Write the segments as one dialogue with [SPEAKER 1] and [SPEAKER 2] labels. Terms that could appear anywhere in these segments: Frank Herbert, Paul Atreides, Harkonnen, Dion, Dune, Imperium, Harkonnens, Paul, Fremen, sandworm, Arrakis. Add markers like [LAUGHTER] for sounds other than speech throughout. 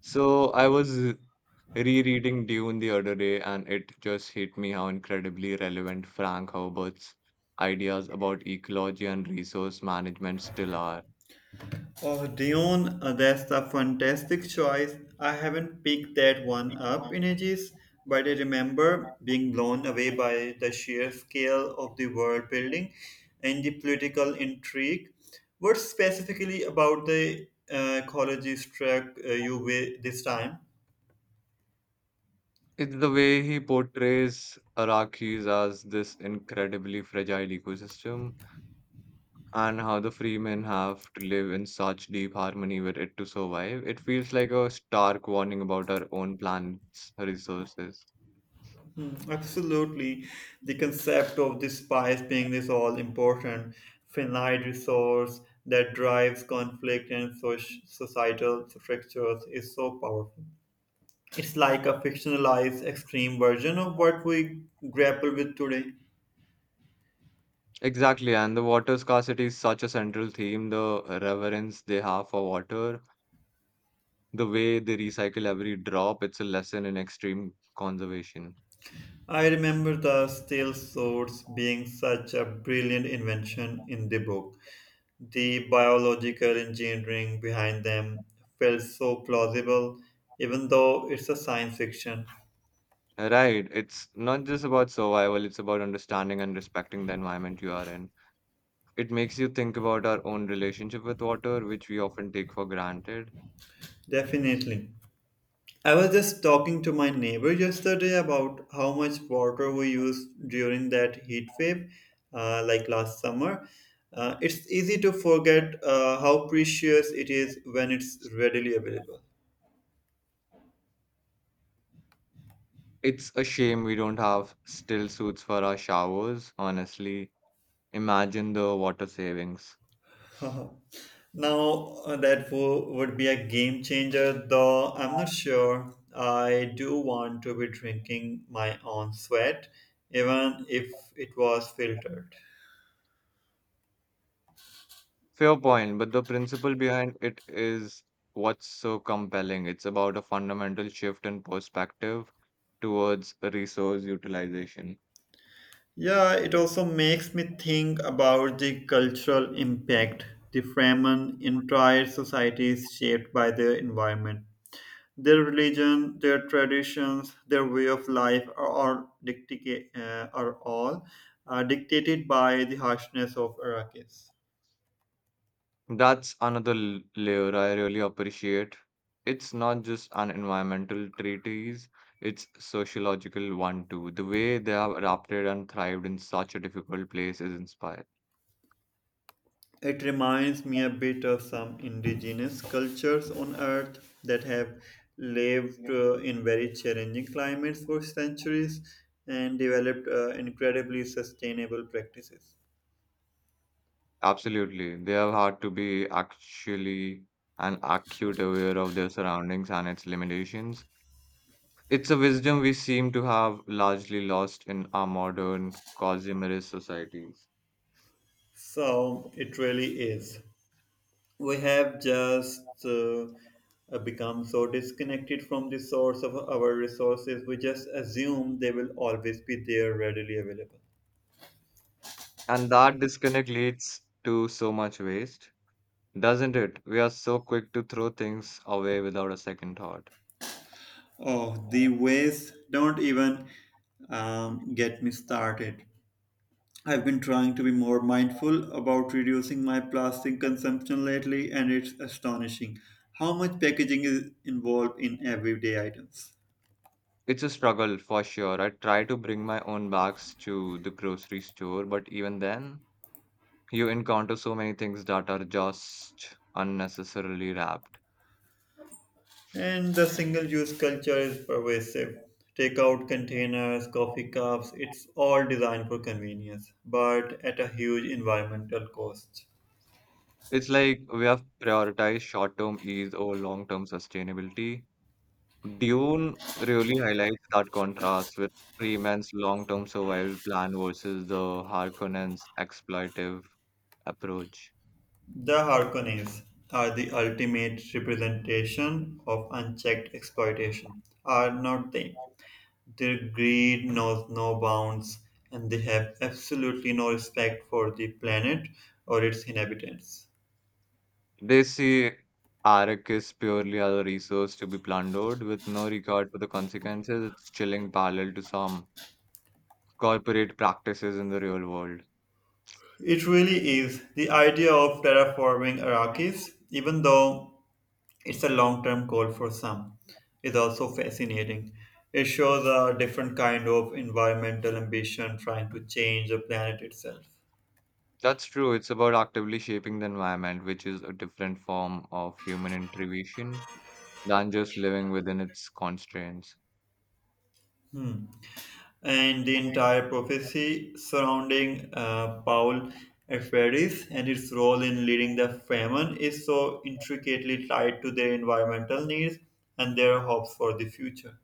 [SPEAKER 1] So I was rereading Dune the other day, and it just hit me how incredibly relevant Frank Herbert's ideas about ecology and resource management still are.
[SPEAKER 2] Oh, Dion, that's a fantastic choice. I haven't picked that one up in ages, but I remember being blown away by the sheer scale of the world building and the political intrigue. What specifically about the ecology struck you with this time?
[SPEAKER 1] It's the way he portrays Iraqis as this incredibly fragile ecosystem and how the freemen have to live in such deep harmony with it to survive. It feels like a stark warning about our own planet's resources.
[SPEAKER 2] Mm, absolutely. The concept of the spice being this all important, finite resource that drives conflict and societal structures is so powerful. It's like a fictionalized extreme version of what we grapple with today.
[SPEAKER 1] Exactly, and the water scarcity is such a central theme. The reverence they have for water, the way they recycle every drop, it's a lesson in extreme conservation.
[SPEAKER 2] I remember the steel swords being such a brilliant invention in the book. The biological engineering behind them felt so plausible, even though it's a science fiction.
[SPEAKER 1] Right, it's not just about survival, it's about understanding and respecting the environment you are in. It makes you think about our own relationship with water, which we often take for granted.
[SPEAKER 2] Definitely. I was just talking to my neighbor yesterday about how much water we used during that heat wave, like last summer. It's easy to forget how precious it is when it's readily available.
[SPEAKER 1] It's a shame we don't have still suits for our showers, honestly. Imagine the water savings.
[SPEAKER 2] [LAUGHS] Now, would be a game changer, though I'm not sure I do want to be drinking my own sweat, even if it was filtered.
[SPEAKER 1] Fair point, but the principle behind it is what's so compelling. It's about a fundamental shift in perspective towards resource utilization.
[SPEAKER 2] Yeah, it also makes me think about the cultural impact. The Fremen, entire societies shaped by their environment. Their religion, their traditions, their way of life are are all dictated by the harshness of Arrakis.
[SPEAKER 1] That's another layer I really appreciate. It's not just an environmental treatise, it's sociological one too. The way they have adapted and thrived in such a difficult place is inspired.
[SPEAKER 2] It reminds me a bit of some indigenous cultures on Earth that have lived in very challenging climates for centuries and developed incredibly sustainable practices.
[SPEAKER 1] Absolutely. They have had to be actually and acute aware of their surroundings and its limitations. It's a wisdom we seem to have largely lost in our modern consumerist societies.
[SPEAKER 2] So it really is. We have just become so disconnected from the source of our resources, we just assume they will always be there readily available.
[SPEAKER 1] And that disconnect leads to so much waste, doesn't it? We are so quick to throw things away without a second thought.
[SPEAKER 2] Oh, the waste! Don't even get me started. I've been trying to be more mindful about reducing my plastic consumption lately, and it's astonishing how much packaging is involved in everyday items.
[SPEAKER 1] It's a struggle for sure. I try to bring my own bags to the grocery store, but even then, you encounter so many things that are just unnecessarily wrapped.
[SPEAKER 2] And the single use culture is pervasive. Takeout containers, coffee cups, it's all designed for convenience, but at a huge environmental cost.
[SPEAKER 1] It's like we have prioritized short-term ease over long-term sustainability. Dune really highlights that contrast with Freeman's long-term survival plan versus the Harkonnens' exploitive approach.
[SPEAKER 2] The Harkonnens are the ultimate representation of unchecked exploitation, are not they? Their greed knows no bounds, and they have absolutely no respect for the planet or its inhabitants.
[SPEAKER 1] They see Arrakis purely as a resource to be plundered with no regard for the consequences. It's chilling parallel to some corporate practices in the real world.
[SPEAKER 2] It really is. The idea of terraforming Arrakis, even though it's a long term goal for some, is also fascinating. It shows a different kind of environmental ambition trying to change the planet itself.
[SPEAKER 1] That's true. It's about actively shaping the environment, which is a different form of human intervention than just living within its constraints.
[SPEAKER 2] Hmm. And the entire prophecy surrounding Paul Atreides and its role in leading the famine is so intricately tied to their environmental needs and their hopes for the future.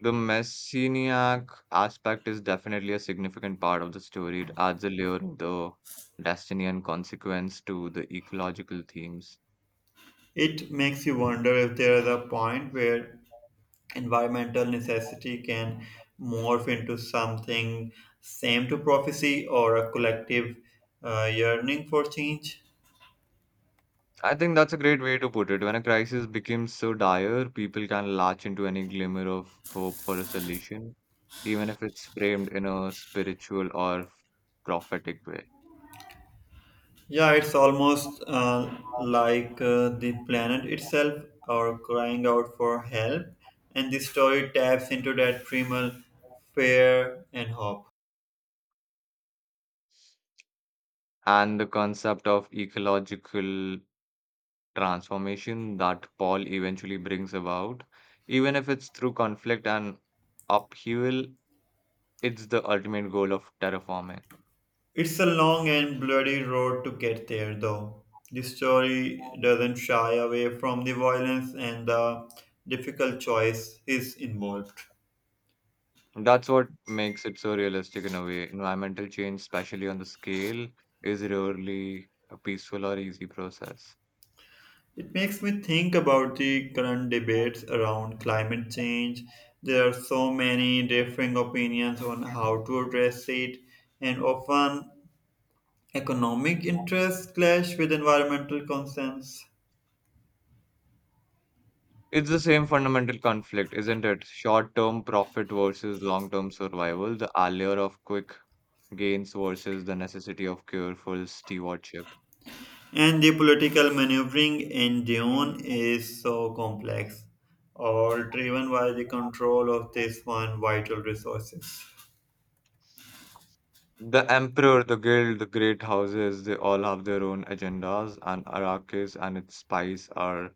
[SPEAKER 1] The messianic aspect is definitely a significant part of the story. It adds a layer of the destiny and consequence to the ecological themes.
[SPEAKER 2] It makes you wonder if there is a point where environmental necessity can morph into something same to prophecy or a collective yearning for change.
[SPEAKER 1] I think that's a great way to put it. When a crisis becomes so dire, people can latch into any glimmer of hope for a solution, even if it's framed in a spiritual or prophetic way.
[SPEAKER 2] Yeah, it's almost like the planet itself are crying out for help, and the story taps into that primal fear and hope.
[SPEAKER 1] And the concept of ecological transformation that Paul eventually brings about. Even if it's through conflict and upheaval, it's the ultimate goal of terraforming.
[SPEAKER 2] It's a long and bloody road to get there, though. The story doesn't shy away from the violence and the difficult choice is involved.
[SPEAKER 1] That's what makes it so realistic in a way. Environmental change, especially on the scale, is rarely a peaceful or easy process.
[SPEAKER 2] It makes me think about the current debates around climate change. There are so many differing opinions on how to address it, and often economic interests clash with environmental concerns.
[SPEAKER 1] It's the same fundamental conflict, isn't it? Short term profit versus long term survival, the allure of quick gains versus the necessity of careful stewardship.
[SPEAKER 2] And the political maneuvering in Dune is so complex, all driven by the control of this one vital resources.
[SPEAKER 1] The Emperor, the Guild, the great houses, they all have their own agendas, and Arrakis and its spies are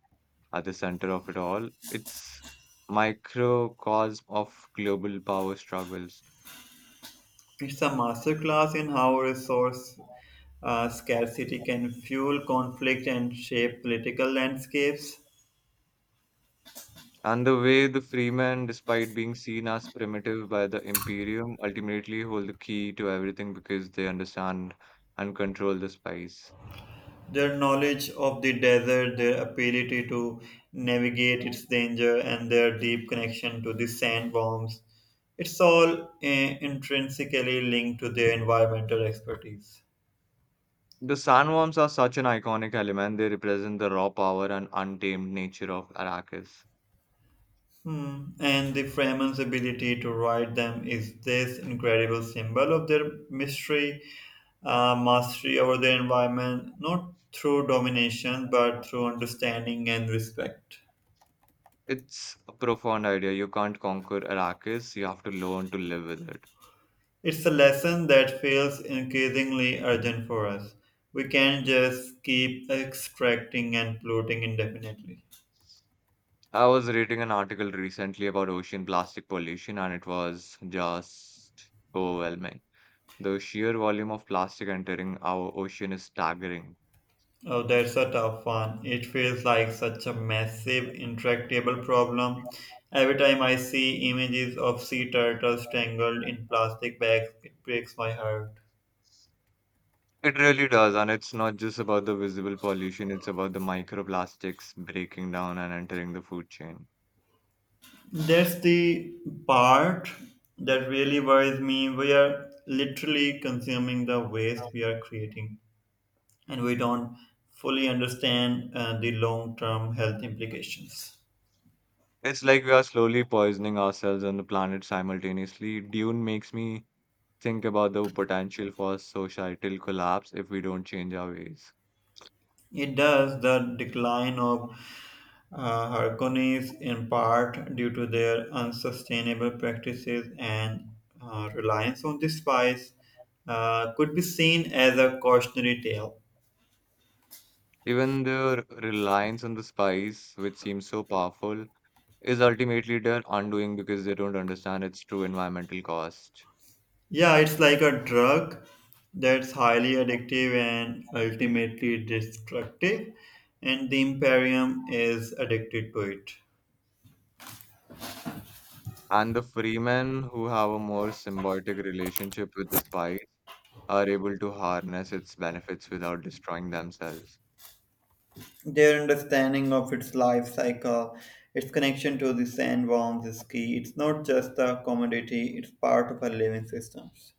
[SPEAKER 1] at the center of it all. It's microcosm of global power struggles.
[SPEAKER 2] It's a masterclass in how resource scarcity can fuel conflict and shape political landscapes.
[SPEAKER 1] And the way the freemen, despite being seen as primitive by the Imperium, ultimately hold the key to everything because they understand and control the spice.
[SPEAKER 2] Their knowledge of the desert, their ability to navigate its danger, and their deep connection to the sandworms. It's all intrinsically linked to their environmental expertise.
[SPEAKER 1] The sandworms are such an iconic element, they represent the raw power and untamed nature of Arrakis.
[SPEAKER 2] Hmm. And the Fremen's ability to write them is this incredible symbol of their mastery over their environment, not through domination, but through understanding and respect.
[SPEAKER 1] It's a profound idea. You can't conquer Arrakis, you have to learn to live with it.
[SPEAKER 2] It's a lesson that feels increasingly urgent for us. We can't just keep extracting and polluting indefinitely.
[SPEAKER 1] I was reading an article recently about ocean plastic pollution, and it was just overwhelming. The sheer volume of plastic entering our ocean is staggering.
[SPEAKER 2] Oh, that's a tough one. It feels like such a massive, intractable problem. Every time I see images of sea turtles tangled in plastic bags, it breaks my heart.
[SPEAKER 1] It really does, and it's not just about the visible pollution, it's about the microplastics breaking down and entering the food chain.
[SPEAKER 2] That's the part that really worries me. We are literally consuming the waste we are creating, and we don't fully understand the long term health implications.
[SPEAKER 1] It's like we are slowly poisoning ourselves and the planet simultaneously. Dune makes me think about the potential for societal collapse if we don't change our ways.
[SPEAKER 2] It does. The decline of Harkonnens in part due to their unsustainable practices and reliance on the spice could be seen as a cautionary tale.
[SPEAKER 1] Even their reliance on the spice, which seems so powerful, is ultimately their undoing because they don't understand its true environmental cost.
[SPEAKER 2] Yeah, it's like a drug that's highly addictive and ultimately destructive, and the Imperium is addicted to it.
[SPEAKER 1] And the freemen, who have a more symbiotic relationship with the spice, are able to harness its benefits without destroying themselves.
[SPEAKER 2] Their understanding of its life cycle, its connection to the sandworms is key. It's not just a commodity, it's part of our living systems.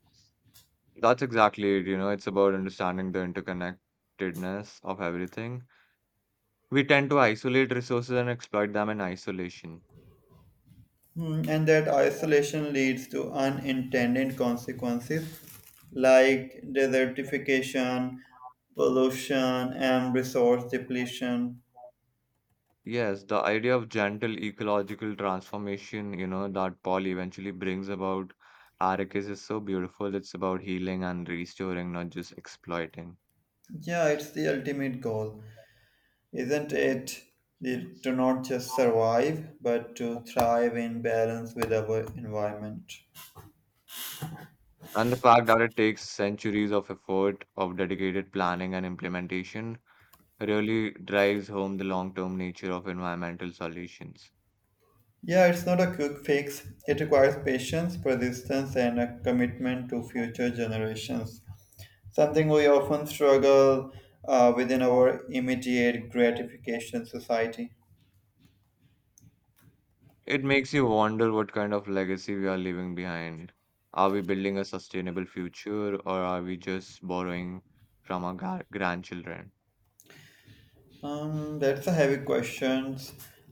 [SPEAKER 1] That's exactly it, you know, it's about understanding the interconnectedness of everything. We tend to isolate resources and exploit them in isolation.
[SPEAKER 2] Hmm. And that isolation leads to unintended consequences like desertification, pollution, and resource depletion.
[SPEAKER 1] Yes, the idea of gentle ecological transformation, you know, that Paul eventually brings about Arrakis is so beautiful. It's about healing and restoring, not just exploiting.
[SPEAKER 2] Yeah, it's the ultimate goal, isn't it? The- to not just survive, but to thrive in balance with our environment.
[SPEAKER 1] And the fact that it takes centuries of effort, of dedicated planning and implementation, really drives home the long-term nature of environmental solutions.
[SPEAKER 2] Yeah, it's not a quick fix. It requires patience, persistence, and a commitment to future generations. Something we often struggle within our immediate gratification society.
[SPEAKER 1] It makes you wonder what kind of legacy we are leaving behind. Are we building a sustainable future or are we just borrowing from our grandchildren?
[SPEAKER 2] That's a heavy question.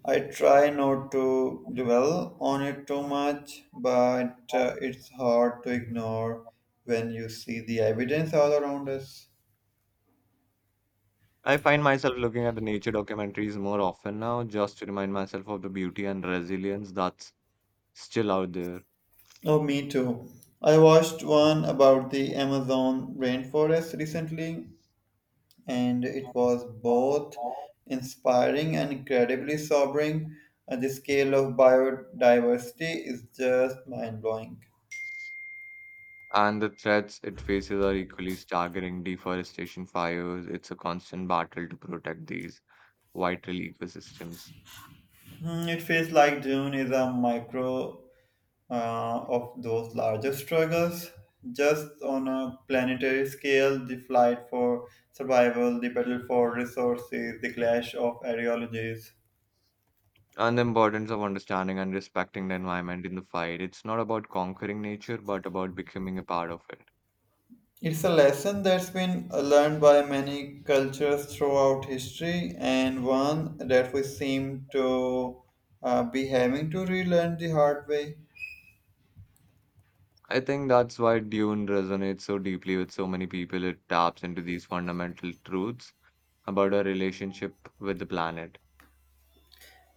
[SPEAKER 2] I try not to dwell on it too much, but it's hard to ignore when you see the evidence all around us.
[SPEAKER 1] I find myself looking at the nature documentaries more often now just to remind myself of the beauty and resilience that's still out there.
[SPEAKER 2] Oh, me too. I watched one about the Amazon rainforest recently, and it was both inspiring and incredibly sobering. The scale of biodiversity is just mind blowing.
[SPEAKER 1] And the threats it faces are equally staggering. Deforestation, fires, it's a constant battle to protect these vital ecosystems.
[SPEAKER 2] Hmm, it feels like Dune is a micro of those larger struggles. Just on a planetary scale, the fight for survival, the battle for resources, the clash of ideologies.
[SPEAKER 1] And the importance of understanding and respecting the environment in the fight. It's not about conquering nature, but about becoming a part of it.
[SPEAKER 2] It's a lesson that's been learned by many cultures throughout history, and one that we seem to be having to relearn the hard way.
[SPEAKER 1] I think that's why Dune resonates so deeply with so many people. It taps into these fundamental truths about our relationship with the planet.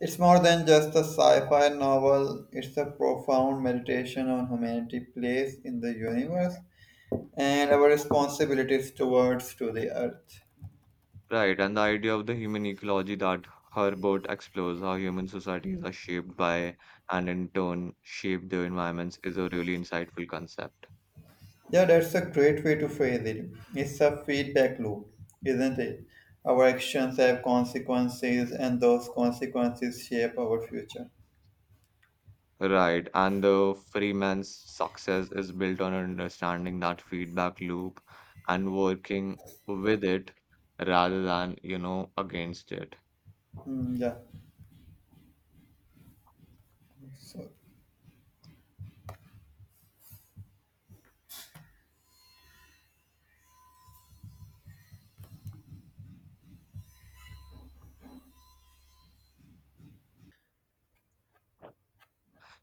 [SPEAKER 2] It's more than just a sci fi novel, it's a profound meditation on humanity's place in the universe and our responsibilities towards to the earth.
[SPEAKER 1] Right, and the idea of the human ecology that Herbert explores how human societies are shaped by and in turn shape their environments is a really insightful concept.
[SPEAKER 2] Yeah, that's a great way to phrase it. It's a feedback loop, isn't it? Our actions have consequences, and those consequences shape our future.
[SPEAKER 1] Right, and the Freeman's success is built on understanding that feedback loop and working with it rather than, you know, against it.
[SPEAKER 2] Mm, yeah. So